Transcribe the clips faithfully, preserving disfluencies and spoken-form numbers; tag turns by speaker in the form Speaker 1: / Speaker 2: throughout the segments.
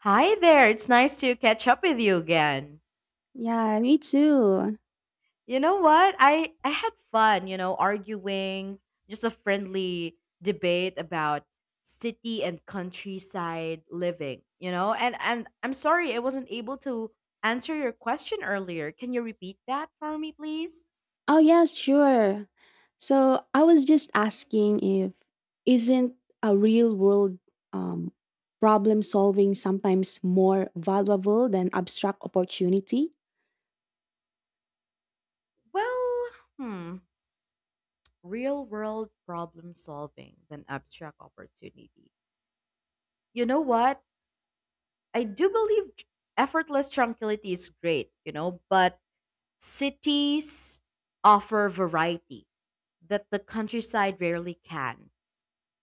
Speaker 1: Hi there. It's nice to catch up with you again.
Speaker 2: Yeah, me too.
Speaker 1: You know what? I I had fun, you know, arguing, just a friendly debate about city and countryside living, you know? And and I'm sorry I wasn't able to answer your question earlier. Can you repeat that for me, please?
Speaker 2: Oh, yes, sure. So I was just asking if isn't a real world um, problem solving sometimes more valuable than abstract opportunity?
Speaker 1: Well, hmm, real world problem solving than abstract opportunity. You know what? I do believe effortless tranquility is great, you know, but cities offer variety that the countryside rarely can.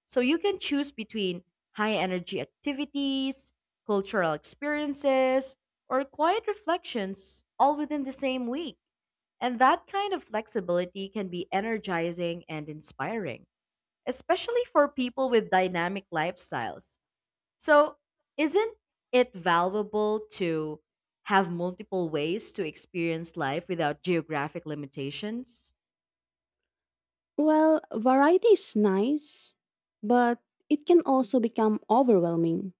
Speaker 1: So you can choose between high energy activities, cultural experiences, or quiet reflections all within the same week. And that kind of flexibility can be energizing and inspiring, especially for people with dynamic lifestyles. So, isn't it valuable to have multiple ways to experience life without geographic limitations?
Speaker 2: Well, variety is nice, but it can also become overwhelming.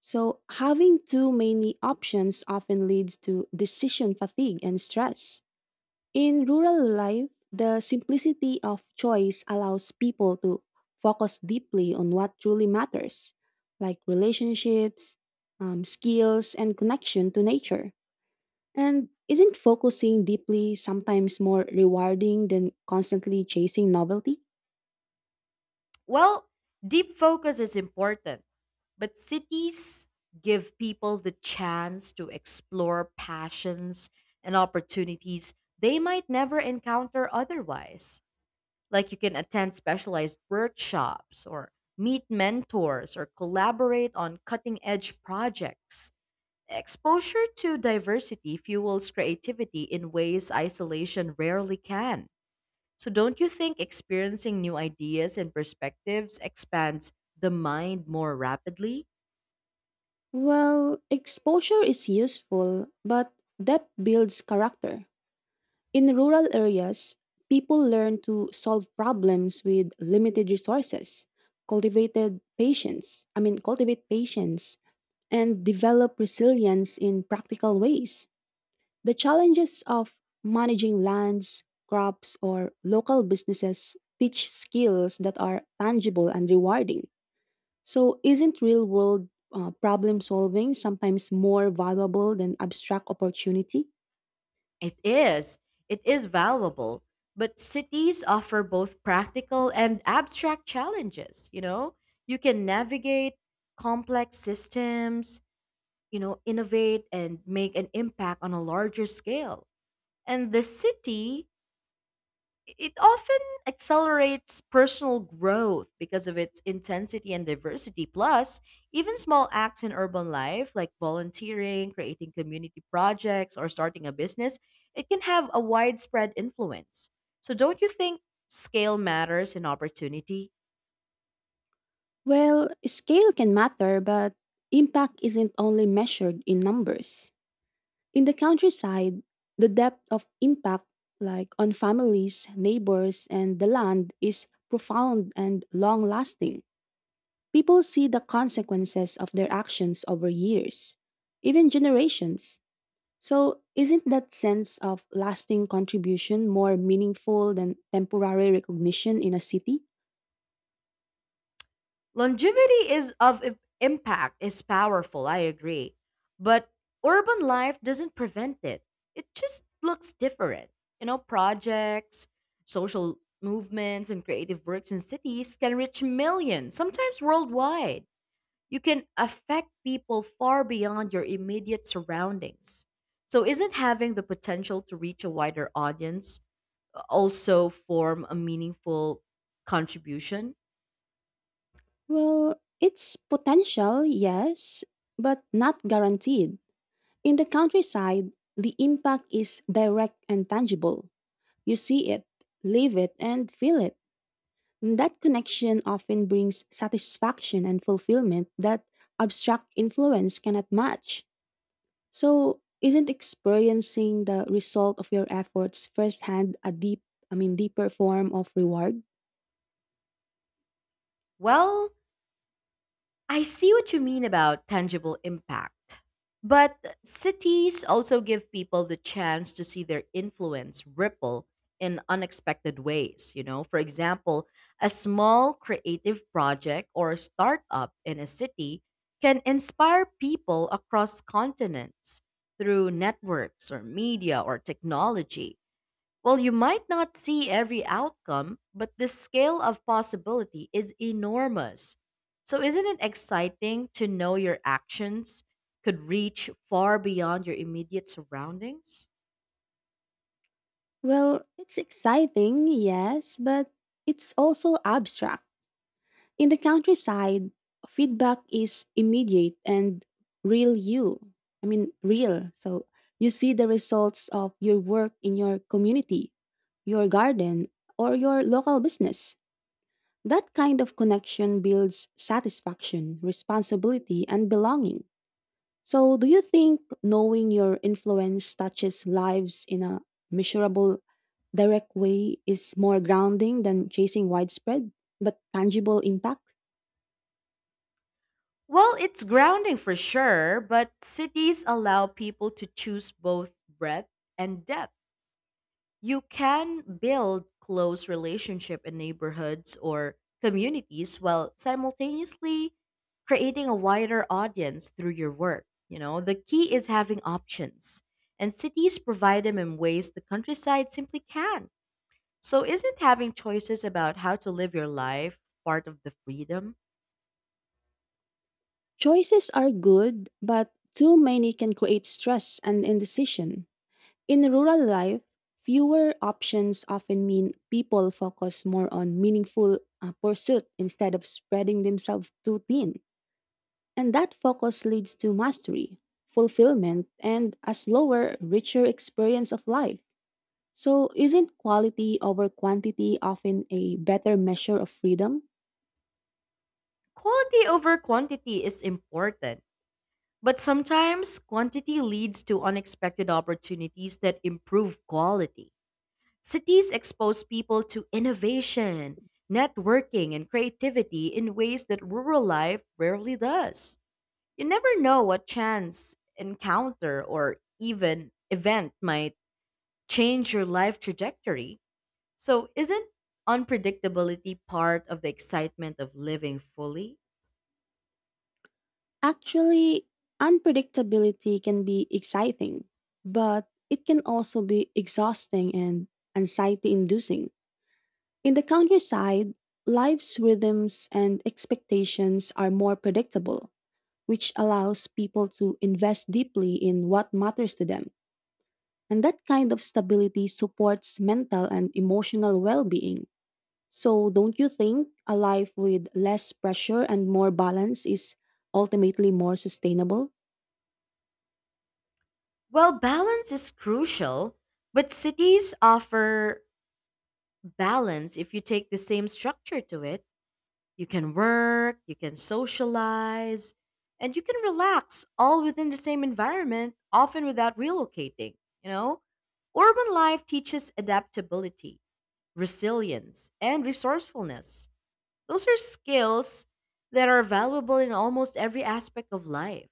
Speaker 2: So having too many options often leads to decision fatigue and stress. In rural life, the simplicity of choice allows people to focus deeply on what truly matters, like relationships, um, skills, and connection to nature. And isn't focusing deeply sometimes more rewarding than constantly chasing novelty?
Speaker 1: Well, deep focus is important, but cities give people the chance to explore passions and opportunities they might never encounter otherwise. Like you can attend specialized workshops or meet mentors or collaborate on cutting edge projects. Exposure to diversity fuels creativity in ways isolation rarely can. So, don't you think experiencing new ideas and perspectives expands the mind more rapidly?
Speaker 2: Well, exposure is useful, but depth builds character. In rural areas, people learn to solve problems with limited resources, cultivated patience, I mean cultivate patience and develop resilience in practical ways. The challenges of managing lands, crops or local businesses teach skills that are tangible and rewarding. So isn't real world uh, problem solving sometimes more valuable than abstract opportunity?
Speaker 1: It is. It is valuable. But cities offer both practical and abstract challenges. You know, you can navigate complex systems, you know, innovate and make an impact on a larger scale. And the city, it often accelerates personal growth because of its intensity and diversity. Plus, even small acts in urban life, like volunteering, creating community projects, or starting a business, it can have a widespread influence. So, don't you think scale matters in opportunity?
Speaker 2: Well, scale can matter, but impact isn't only measured in numbers. In the countryside, the depth of impact, like on families, neighbors, and the land, is profound and long lasting. People see the consequences of their actions over years, even generations. So, isn't that sense of lasting contribution more meaningful than temporary recognition in a city?
Speaker 1: Longevity is of im- Impact is powerful, I agree. But urban life doesn't prevent it. It just looks different. You know, projects, social movements and creative works in cities can reach millions, sometimes worldwide. You can affect people far beyond your immediate surroundings. So isn't having the potential to reach a wider audience uh, also form a meaningful contribution?
Speaker 2: Well, it's potential, yes, but not guaranteed. In the countryside, the impact is direct and tangible. You see it, live it, and feel it. That connection often brings satisfaction and fulfillment that abstract influence cannot match. So, isn't experiencing the result of your efforts firsthand a deep, I mean, deeper form of reward?
Speaker 1: Well, I see what you mean about tangible impact. But cities also give people the chance to see their influence ripple in unexpected ways. You know, for example, a small creative project or startup in a city can inspire people across continents through networks or media or technology. Well, you might not see every outcome, but the scale of possibility is enormous. So, isn't it exciting to know your actions could reach far beyond your immediate surroundings?
Speaker 2: Well, it's exciting, yes, but it's also abstract. In the countryside, feedback is immediate and real you. I mean, real. So you see the results of your work in your community, your garden, or your local business. That kind of connection builds satisfaction, responsibility, and belonging. So, do you think knowing your influence touches lives in a measurable, direct way is more grounding than chasing widespread but tangible impact?
Speaker 1: Well, it's grounding for sure, but cities allow people to choose both breadth and depth. You can build close relationship in neighborhoods or communities while simultaneously creating a wider audience through your work. You know, the key is having options, and cities provide them in ways the countryside simply can't. So, isn't having choices about how to live your life part of the freedom?
Speaker 2: Choices are good, but too many can create stress and indecision. In rural life, fewer options often mean people focus more on meaningful uh, pursuit instead of spreading themselves too thin. And that focus leads to mastery, fulfillment, and a slower, richer experience of life. So, isn't quality over quantity often a better measure of freedom?
Speaker 1: Quality over quantity is important, but sometimes quantity leads to unexpected opportunities that improve quality. Cities expose people to innovation, networking, and creativity in ways that rural life rarely does. You never know what chance, encounter, or even event might change your life trajectory. So, isn't unpredictability part of the excitement of living fully?
Speaker 2: Actually, unpredictability can be exciting, but it can also be exhausting and anxiety inducing. In the countryside, life's rhythms and expectations are more predictable, which allows people to invest deeply in what matters to them. And that kind of stability supports mental and emotional well being. So, don't you think a life with less pressure and more balance is ultimately more sustainable?
Speaker 1: Well, balance is crucial, but cities offer balance if you take the same structure to it. You can work, you can socialize, and you can relax all within the same environment, often without relocating, you know? Urban life teaches adaptability, resilience, and resourcefulness. Those are skills that are valuable in almost every aspect of life.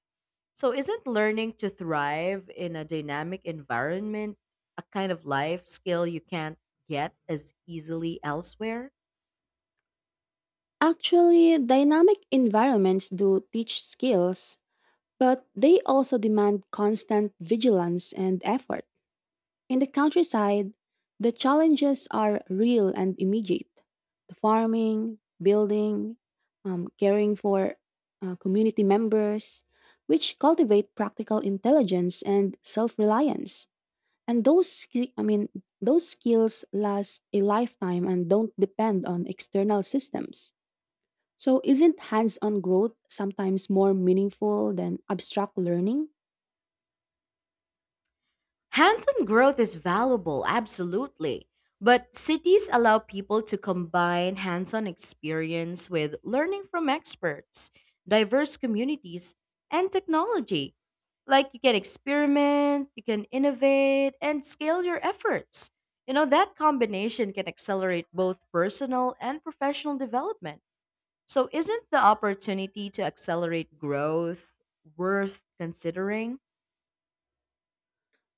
Speaker 1: So, isn't learning to thrive in a dynamic environment a kind of life skill you can't get as easily elsewhere?
Speaker 2: Actually, dynamic environments do teach skills, but they also demand constant vigilance and effort. In the countryside, the challenges are real and immediate. The farming, building, um, caring for uh, community members, which cultivate practical intelligence and self-reliance. And those, ski- I mean, those skills last a lifetime and don't depend on external systems. So, isn't hands-on growth sometimes more meaningful than abstract learning?
Speaker 1: Hands on growth is valuable, absolutely. But cities allow people to combine hands on experience with learning from experts, diverse communities, and technology. Like you can experiment, you can innovate, and scale your efforts. You know, that combination can accelerate both personal and professional development. So, isn't the opportunity to accelerate growth worth considering?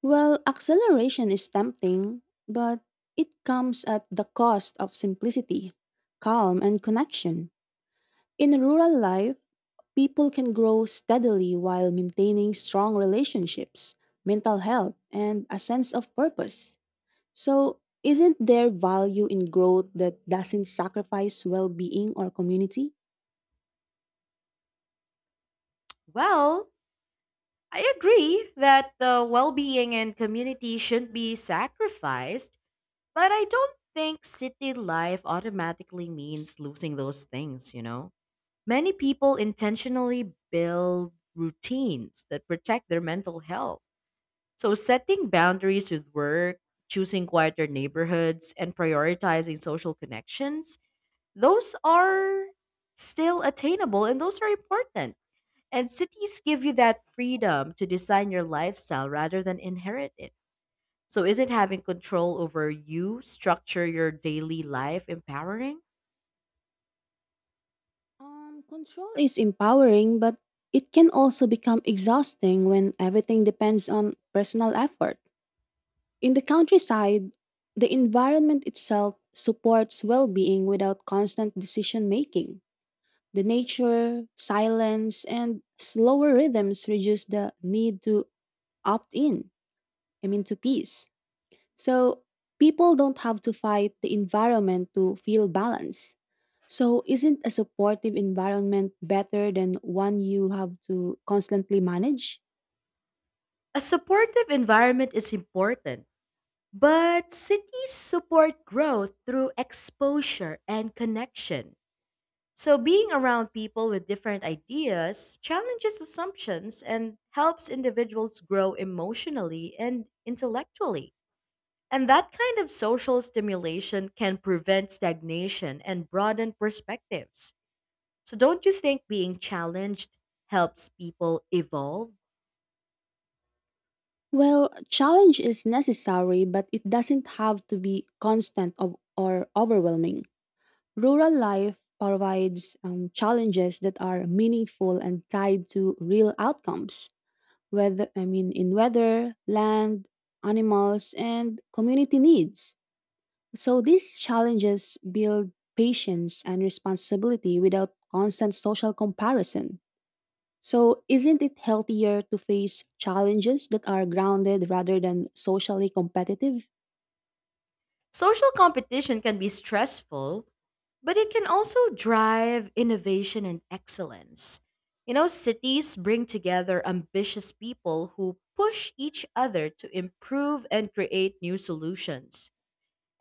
Speaker 2: Well, acceleration is tempting, but it comes at the cost of simplicity, calm, and connection. In rural life, people can grow steadily while maintaining strong relationships, mental health, and a sense of purpose. So, isn't there value in growth that doesn't sacrifice well being or community?
Speaker 1: Well, I agree that the well being and community shouldn't be sacrificed, but I don't think city life automatically means losing those things, you know? Many people intentionally build routines that protect their mental health. So, setting boundaries with work, choosing quieter neighborhoods, and prioritizing social connections, those are still attainable and those are important. And cities give you that freedom to design your lifestyle rather than inherit it. So isn't having control over you structure your daily life empowering?
Speaker 2: Um, control is empowering, but it can also become exhausting when everything depends on personal effort. In the countryside, the environment itself supports well being without constant decision making. The nature, silence, and slower rhythms reduce the need to opt in, I mean, to peace. So people don't have to fight the environment to feel balance. So, isn't a supportive environment better than one you have to constantly manage?
Speaker 1: A supportive environment is important, but cities support growth through exposure and connection. So being around people with different ideas challenges assumptions and helps individuals grow emotionally and intellectually. And that kind of social stimulation can prevent stagnation and broaden perspectives. So, don't you think being challenged helps people evolve?
Speaker 2: Well, challenge is necessary, but it doesn't have to be constant of, or overwhelming. Rural life provides um, challenges that are meaningful and tied to real outcomes, whether I mean in weather, land, animals, and community needs. So these challenges build patience and responsibility without constant social comparison. So, isn't it healthier to face challenges that are grounded rather than socially competitive?
Speaker 1: Social competition can be stressful, but it can also drive innovation and excellence. You know, cities bring together ambitious people who push each other to improve and create new solutions.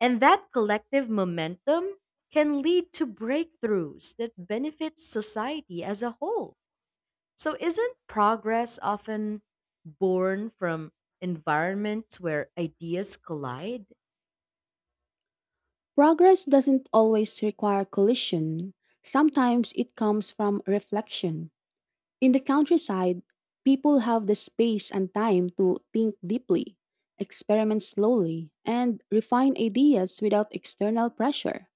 Speaker 1: And that collective momentum can lead to breakthroughs that benefit society as a whole. So, isn't progress often born from environments where ideas collide?
Speaker 2: Progress doesn't always require collision, sometimes it comes from reflection. In the countryside, people have the space and time to think deeply, experiment slowly, and refine ideas without external pressure.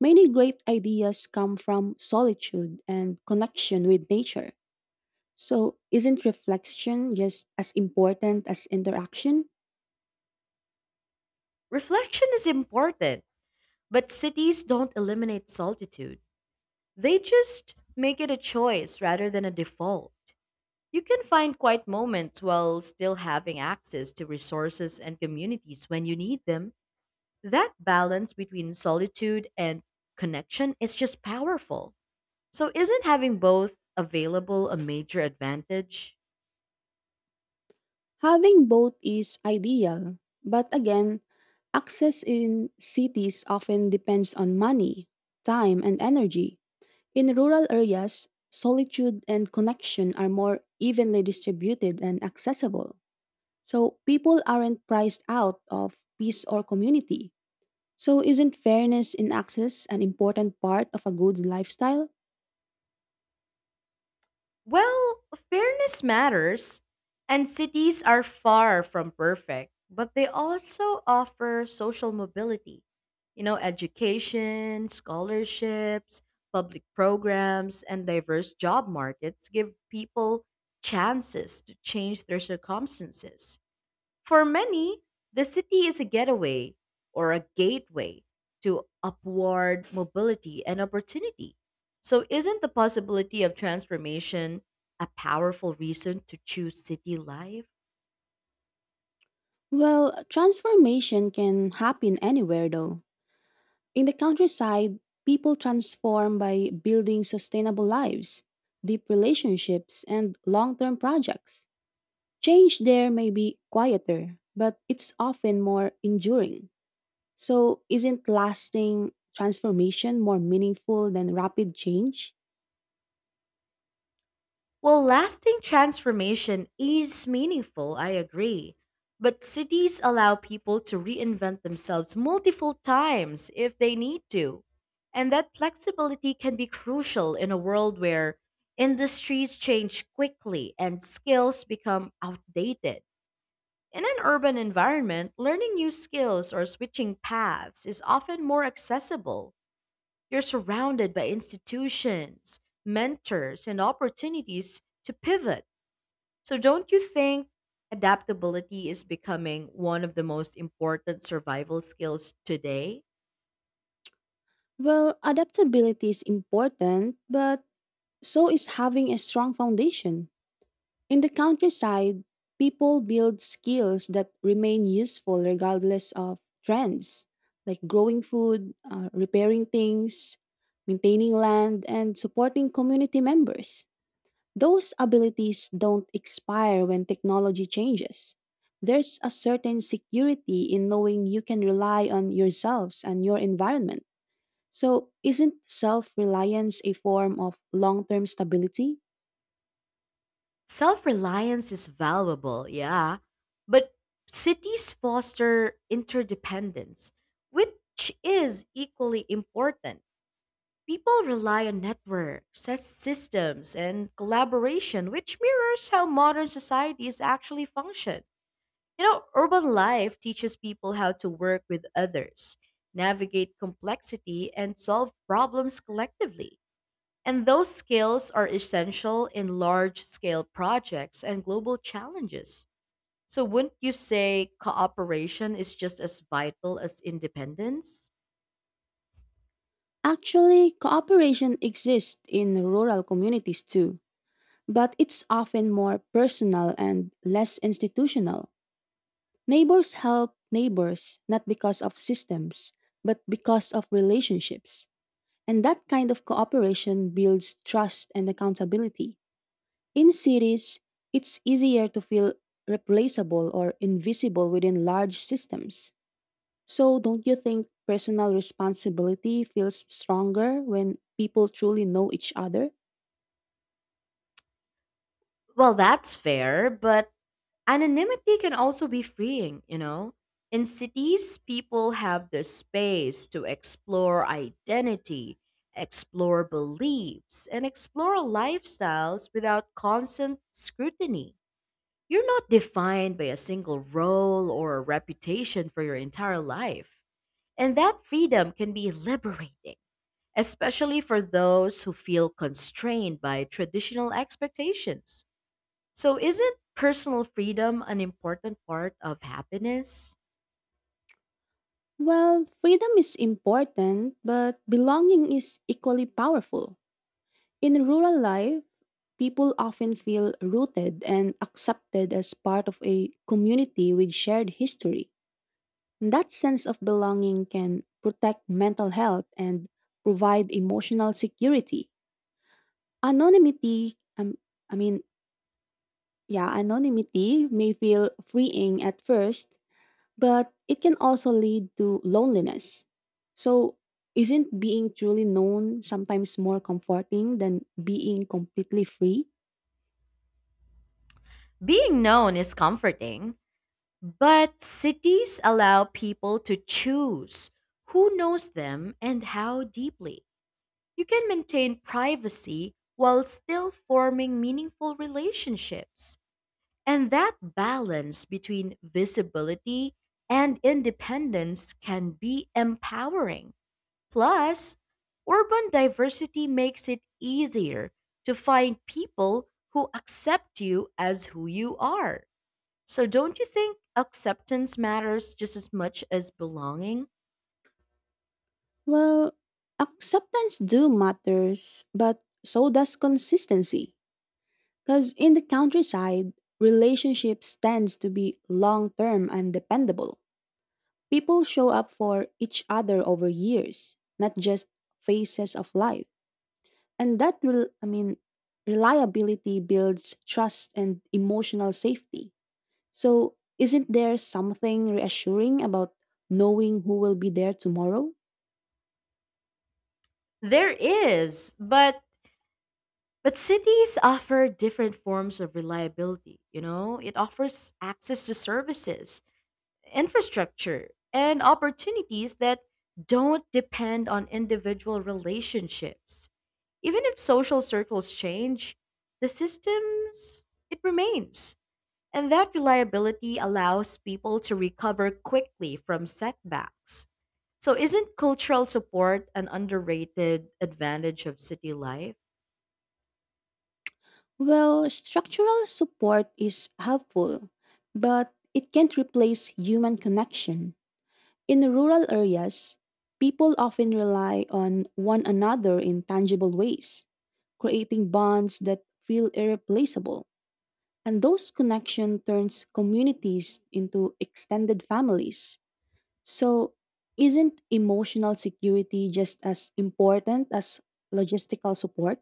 Speaker 2: Many great ideas come from solitude and connection with nature. So, isn't reflection just as important as interaction?
Speaker 1: Reflection is important, but cities don't eliminate solitude. They just make it a choice rather than a default. You can find quiet moments while still having access to resources and communities when you need them. That balance between solitude and connection is just powerful. So, isn't having both available a major advantage?
Speaker 2: Having both is ideal, but again, access in cities often depends on money, time, and energy. In rural areas, solitude and connection are more evenly distributed and accessible. So, people aren't priced out of peace or community. So, isn't fairness in access an important part of a good lifestyle?
Speaker 1: Well, fairness matters, and cities are far from perfect, but they also offer social mobility. You know, education, scholarships, public programs, and diverse job markets give people chances to change their circumstances. For many, the city is a getaway or a gateway to upward mobility and opportunity. So, isn't the possibility of transformation a powerful reason to choose city life?
Speaker 2: Well, transformation can happen anywhere though. In the countryside, people transform by building sustainable lives, deep relationships, and long term projects. Change there may be quieter, but it's often more enduring. So, isn't lasting transformation more meaningful than rapid change?
Speaker 1: Well, lasting transformation is meaningful, I agree. But cities allow people to reinvent themselves multiple times if they need to. And that flexibility can be crucial in a world where industries change quickly and skills become outdated. In an urban environment, learning new skills or switching paths is often more accessible. You're surrounded by institutions, mentors, and opportunities to pivot. So, don't you think adaptability is becoming one of the most important survival skills today?
Speaker 2: Well, adaptability is important, but so is having a strong foundation. In the countryside, people build skills that remain useful regardless of trends, like growing food, uh, repairing things, maintaining land, and supporting community members. Those abilities don't expire when technology changes. There's a certain security in knowing you can rely on yourselves and your environment. So, isn't self reliance a form of long term stability?
Speaker 1: Self reliance is valuable, yeah, but cities foster interdependence, which is equally important. People rely on networks, sys- systems, and collaboration, which mirrors how modern societies actually function. You know, urban life teaches people how to work with others, navigate complexity, and solve problems collectively. And those skills are essential in large scale projects and global challenges. So, wouldn't you say cooperation is just as vital as independence?
Speaker 2: Actually, cooperation exists in rural communities too, but it's often more personal and less institutional. Neighbors help neighbors not because of systems, but because of relationships. And that kind of cooperation builds trust and accountability. In cities, it's easier to feel replaceable or invisible within large systems. So, don't you think personal responsibility feels stronger when people truly know each other?
Speaker 1: Well, that's fair, but anonymity can also be freeing, you know? In cities, people have the space to explore identity, explore beliefs, and explore lifestyles without constant scrutiny. You're not defined by a single role or a reputation for your entire life. And that freedom can be liberating, especially for those who feel constrained by traditional expectations. So, isn't personal freedom an important part of happiness?
Speaker 2: Well, freedom is important, but belonging is equally powerful. In rural life, people often feel rooted and accepted as part of a community with shared history. That sense of belonging can protect mental health and provide emotional security. Anonymity, um, I mean, Yeah, Anonymity may feel freeing at first, but it can also lead to loneliness. So, isn't being truly known sometimes more comforting than being completely free?
Speaker 1: Being known is comforting, but cities allow people to choose who knows them and how deeply. You can maintain privacy while still forming meaningful relationships. And that balance between visibility and independence can be empowering. Plus, urban diversity makes it easier to find people who accept you as who you are. So, don't you think acceptance matters just as much as belonging?
Speaker 2: Well, acceptance do matters, but so does consistency. Cuz in the countryside, relationships tends to be long-term and dependable. People show up for each other over years, not just phases of life. And that, rel I mean, reliability builds trust and emotional safety. So, isn't there something reassuring about knowing who will be there tomorrow?
Speaker 1: There is, but but cities offer different forms of reliability, you know? It offers access to services, infrastructure, and opportunities that don't depend on individual relationships. Even if social circles change, the systems, it remains. And that reliability allows people to recover quickly from setbacks. So, isn't cultural support an underrated advantage of city life?
Speaker 2: Well, structural support is helpful, but it can't replace human connection. In rural areas, people often rely on one another in tangible ways, creating bonds that feel irreplaceable. And those connection turns communities into extended families. So isn't emotional security just as important as logistical support?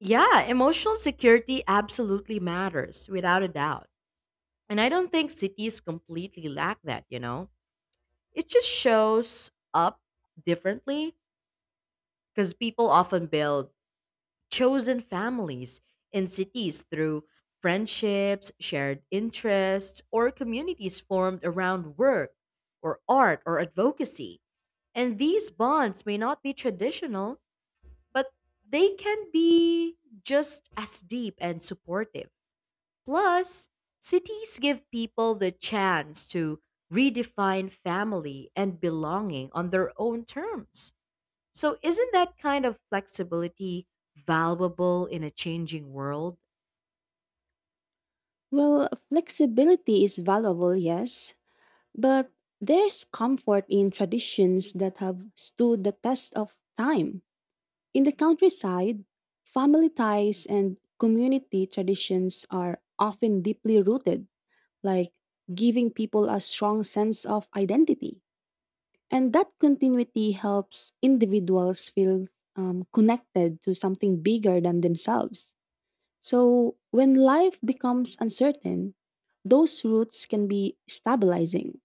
Speaker 1: Yeah, emotional security absolutely matters, without a doubt. And I don't think cities completely lack that, you know? It just shows up differently because people often build chosen families in cities through friendships, shared interests, or communities formed around work or art or advocacy. And these bonds may not be traditional, but they can be just as deep and supportive. Plus, cities give people the chance to redefine family and belonging on their own terms. So, isn't that kind of flexibility valuable in a changing world?
Speaker 2: Well, flexibility is valuable, yes, but there's comfort in traditions that have stood the test of time. In the countryside, family ties and community traditions are often deeply rooted, like giving people a strong sense of identity. And that continuity helps individuals feel um, connected to something bigger than themselves. So when life becomes uncertain, those roots can be stabilizing.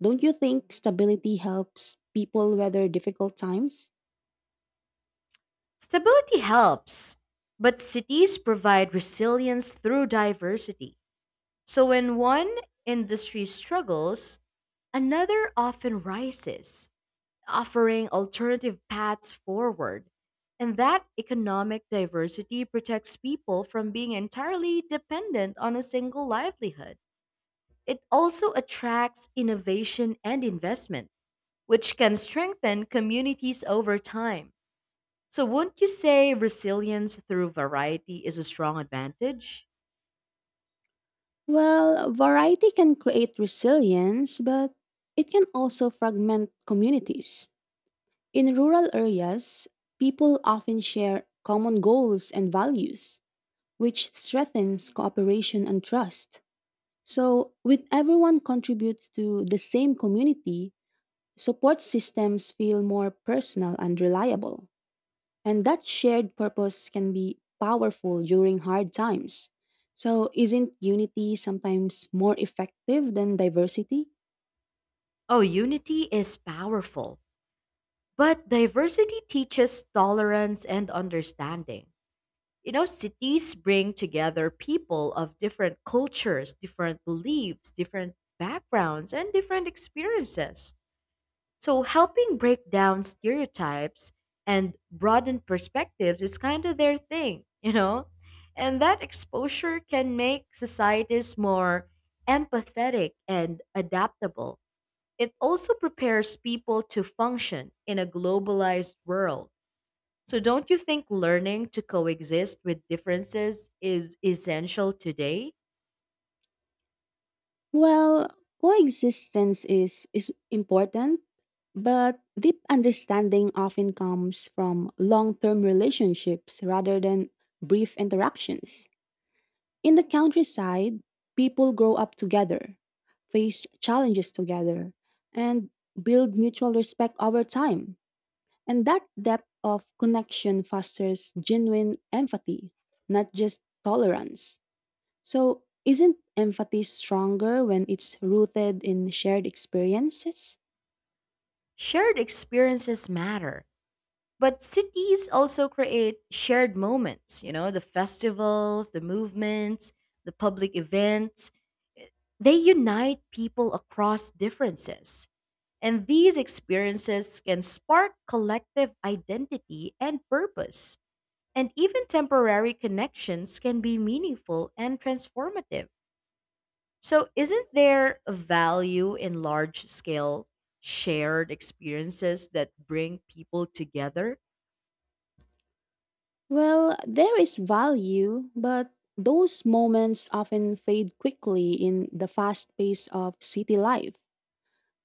Speaker 2: Don't you think stability helps people weather difficult times?
Speaker 1: Stability helps, but cities provide resilience through diversity. So, when one industry struggles, another often rises, offering alternative paths forward. And that economic diversity protects people from being entirely dependent on a single livelihood. It also attracts innovation and investment which can strengthen communities over time. So, wouldn't you say resilience through variety is a strong advantage?
Speaker 2: Well, variety can create resilience, but it can also fragment communities. In rural areas, people often share common goals and values which strengthens cooperation and trust. So, when everyone contributes to the same community, support systems feel more personal and reliable. And that shared purpose can be powerful during hard times. So, isn't unity sometimes more effective than diversity?
Speaker 1: Oh, unity is powerful, but diversity teaches tolerance and understanding. You know, cities bring together people of different cultures, different beliefs, different backgrounds, and different experiences. So, helping break down stereotypes and broaden perspectives is kind of their thing, you know? And that exposure can make societies more empathetic and adaptable. It also prepares people to function in a globalized world. So, don't you think learning to coexist with differences is essential today?
Speaker 2: Well, coexistence is, is important, but deep understanding often comes from long term relationships rather than brief interactions. In the countryside, people grow up together, face challenges together, and build mutual respect over time. And that depth of connection fosters genuine empathy, not just tolerance. So, isn't empathy stronger when it's rooted in shared experiences?
Speaker 1: Shared experiences matter. But cities also create shared moments, you know, the festivals, the movements, the public events. They unite people across differences. And these experiences can spark collective identity and purpose. And even temporary connections can be meaningful and transformative. So, isn't there a value in large scale shared experiences that bring people together?
Speaker 2: Well, there is value, but those moments often fade quickly in the fast pace of city life.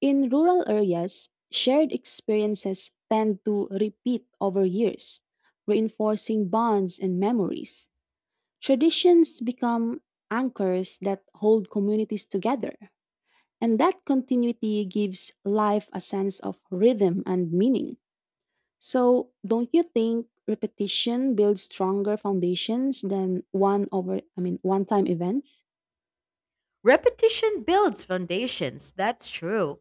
Speaker 2: In rural areas, shared experiences tend to repeat over years, reinforcing bonds and memories. Traditions become anchors that hold communities together. And that continuity gives life a sense of rhythm and meaning. So, don't you think repetition builds stronger foundations than one over I mean one-time events?
Speaker 1: Repetition builds foundations, that's true.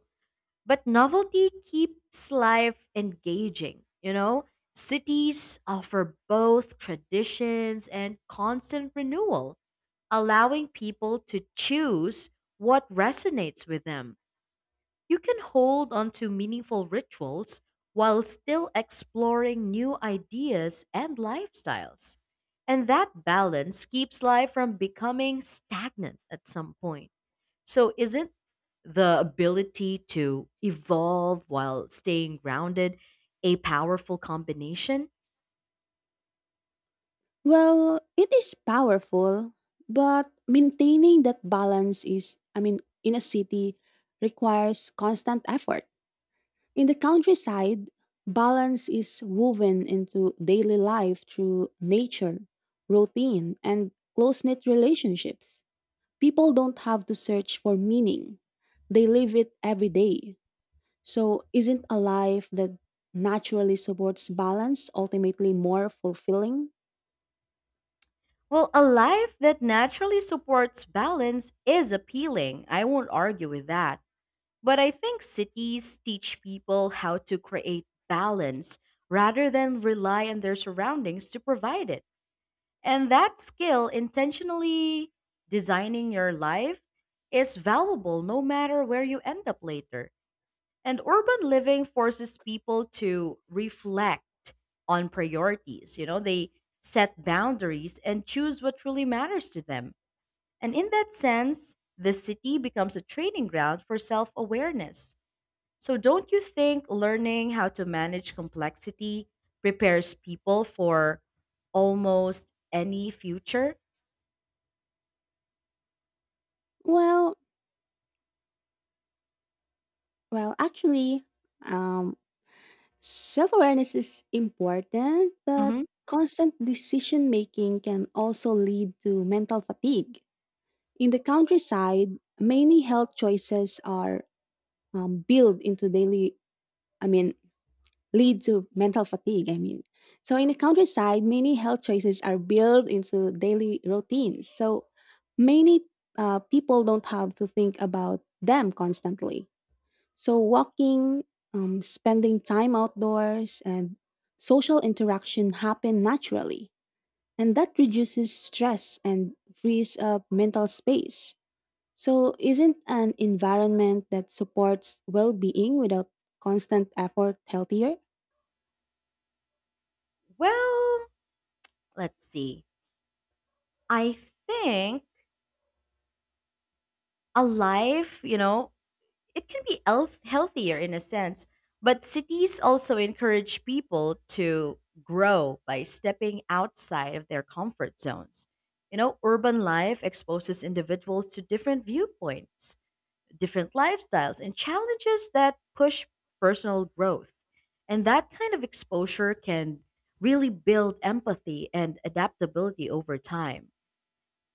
Speaker 1: But novelty keeps life engaging, you know? Cities offer both traditions and constant renewal, allowing people to choose what resonates with them. You can hold on to meaningful rituals while still exploring new ideas and lifestyles. And that balance keeps life from becoming stagnant at some point. So, is it the ability to evolve while staying grounded a powerful combination?
Speaker 2: Well, it is powerful, but maintaining that balance is I mean in a city requires constant effort. In the countryside, balance is woven into daily life through nature, routine, and close-knit relationships. People don't have to search for meaning, they live it every day. So, isn't a life that naturally supports balance ultimately more fulfilling?
Speaker 1: Well, a life that naturally supports balance is appealing. I won't argue with that. But I think cities teach people how to create balance rather than rely on their surroundings to provide it. And that skill, intentionally designing your life, is valuable no matter where you end up later. And urban living forces people to reflect on priorities. You know, they set boundaries and choose what truly matters to them. And in that sense, the city becomes a training ground for self awareness. So, don't you think learning how to manage complexity prepares people for almost any future?
Speaker 2: Well, well, actually, um, Self awareness is important, but
Speaker 1: Hmm.
Speaker 2: constant decision making can also lead to mental fatigue. In the countryside, many health choices are um, built into daily. I mean, lead to mental fatigue, I mean. So in the countryside, many health choices are built into daily routines. So many uh, people don't have to think about them constantly. So walking, um, spending time outdoors, and social interaction happen naturally. And that reduces stress and frees up mental space. So, isn't an environment that supports well being without constant effort healthier?
Speaker 1: Well, let's see. I think a life, you know, it can be health healthier in a sense, but cities also encourage people to grow by stepping outside of their comfort zones. You know, urban life exposes individuals to different viewpoints, different lifestyles, and challenges that push personal growth. And that kind of exposure can really build empathy and adaptability over time.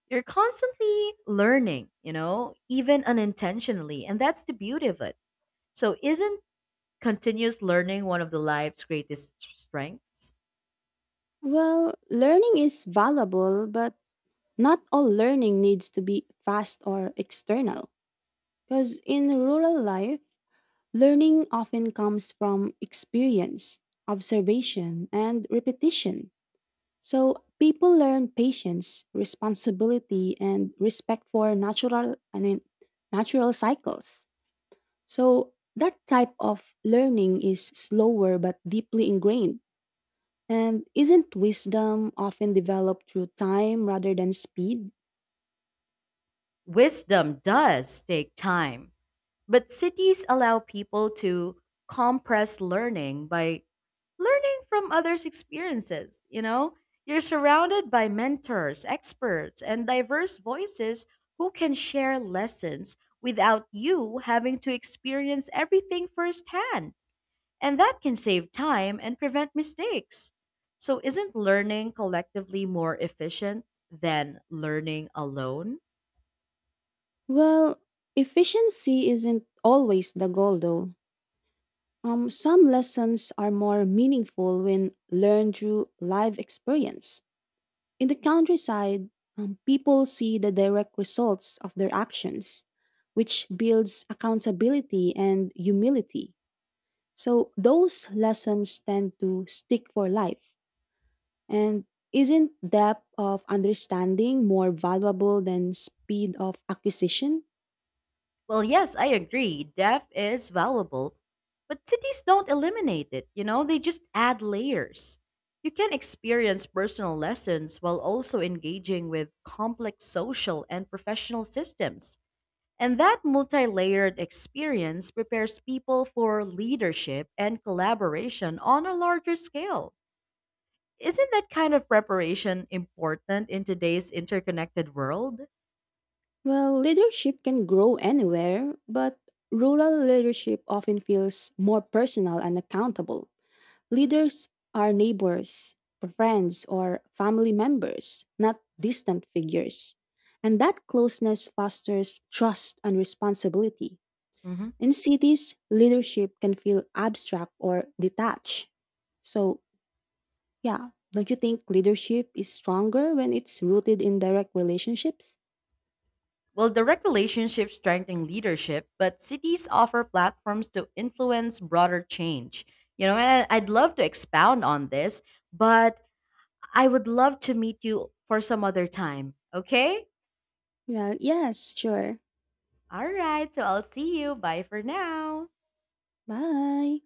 Speaker 1: You're constantly learning, you know, even unintentionally. And that's the beauty of it. So, isn't continuous learning one of the life's greatest strengths?
Speaker 2: Well, learning is valuable, but not all learning needs to be fast or external. Because in rural life, learning often comes from experience, observation, and repetition. So people learn patience, responsibility, and respect for natural, I mean, natural cycles. So that type of learning is slower but deeply ingrained and isn't wisdom often developed through time rather than speed?
Speaker 1: Wisdom does take time, but cities allow people to compress learning by learning from others' experiences. You know, you're surrounded by mentors, experts, and diverse voices who can share lessons without you having to experience everything firsthand. And that can save time and prevent mistakes. So, isn't learning collectively more efficient than learning alone?
Speaker 2: Well, efficiency isn't always the goal, though. Um, some lessons are more meaningful when learned through live experience. In the countryside, um, people see the direct results of their actions, which builds accountability and humility. So, those lessons tend to stick for life. And isn't depth of understanding more valuable than speed of acquisition?
Speaker 1: Well, yes, I agree. Depth is valuable, but cities don't eliminate it, you know, they just add layers. You can experience personal lessons while also engaging with complex social and professional systems. And that multi layered experience prepares people for leadership and collaboration on a larger scale. Isn't that kind of preparation important in today's interconnected world?
Speaker 2: Well, leadership can grow anywhere, but rural leadership often feels more personal and accountable. Leaders are neighbors, friends, or family members, not distant figures. And that closeness fosters trust and responsibility.
Speaker 1: Mhm.
Speaker 2: In cities, leadership can feel abstract or detached. So, yeah. Don't you think leadership is stronger when it's rooted in direct relationships?
Speaker 1: Well, direct relationships strengthen leadership, but cities offer platforms to influence broader change. You know, and I- I'd love to expound on this, but I would love to meet you for some other time. Okay?
Speaker 2: Well, yes, sure.
Speaker 1: All right. So I'll see you. Bye for now.
Speaker 2: Bye.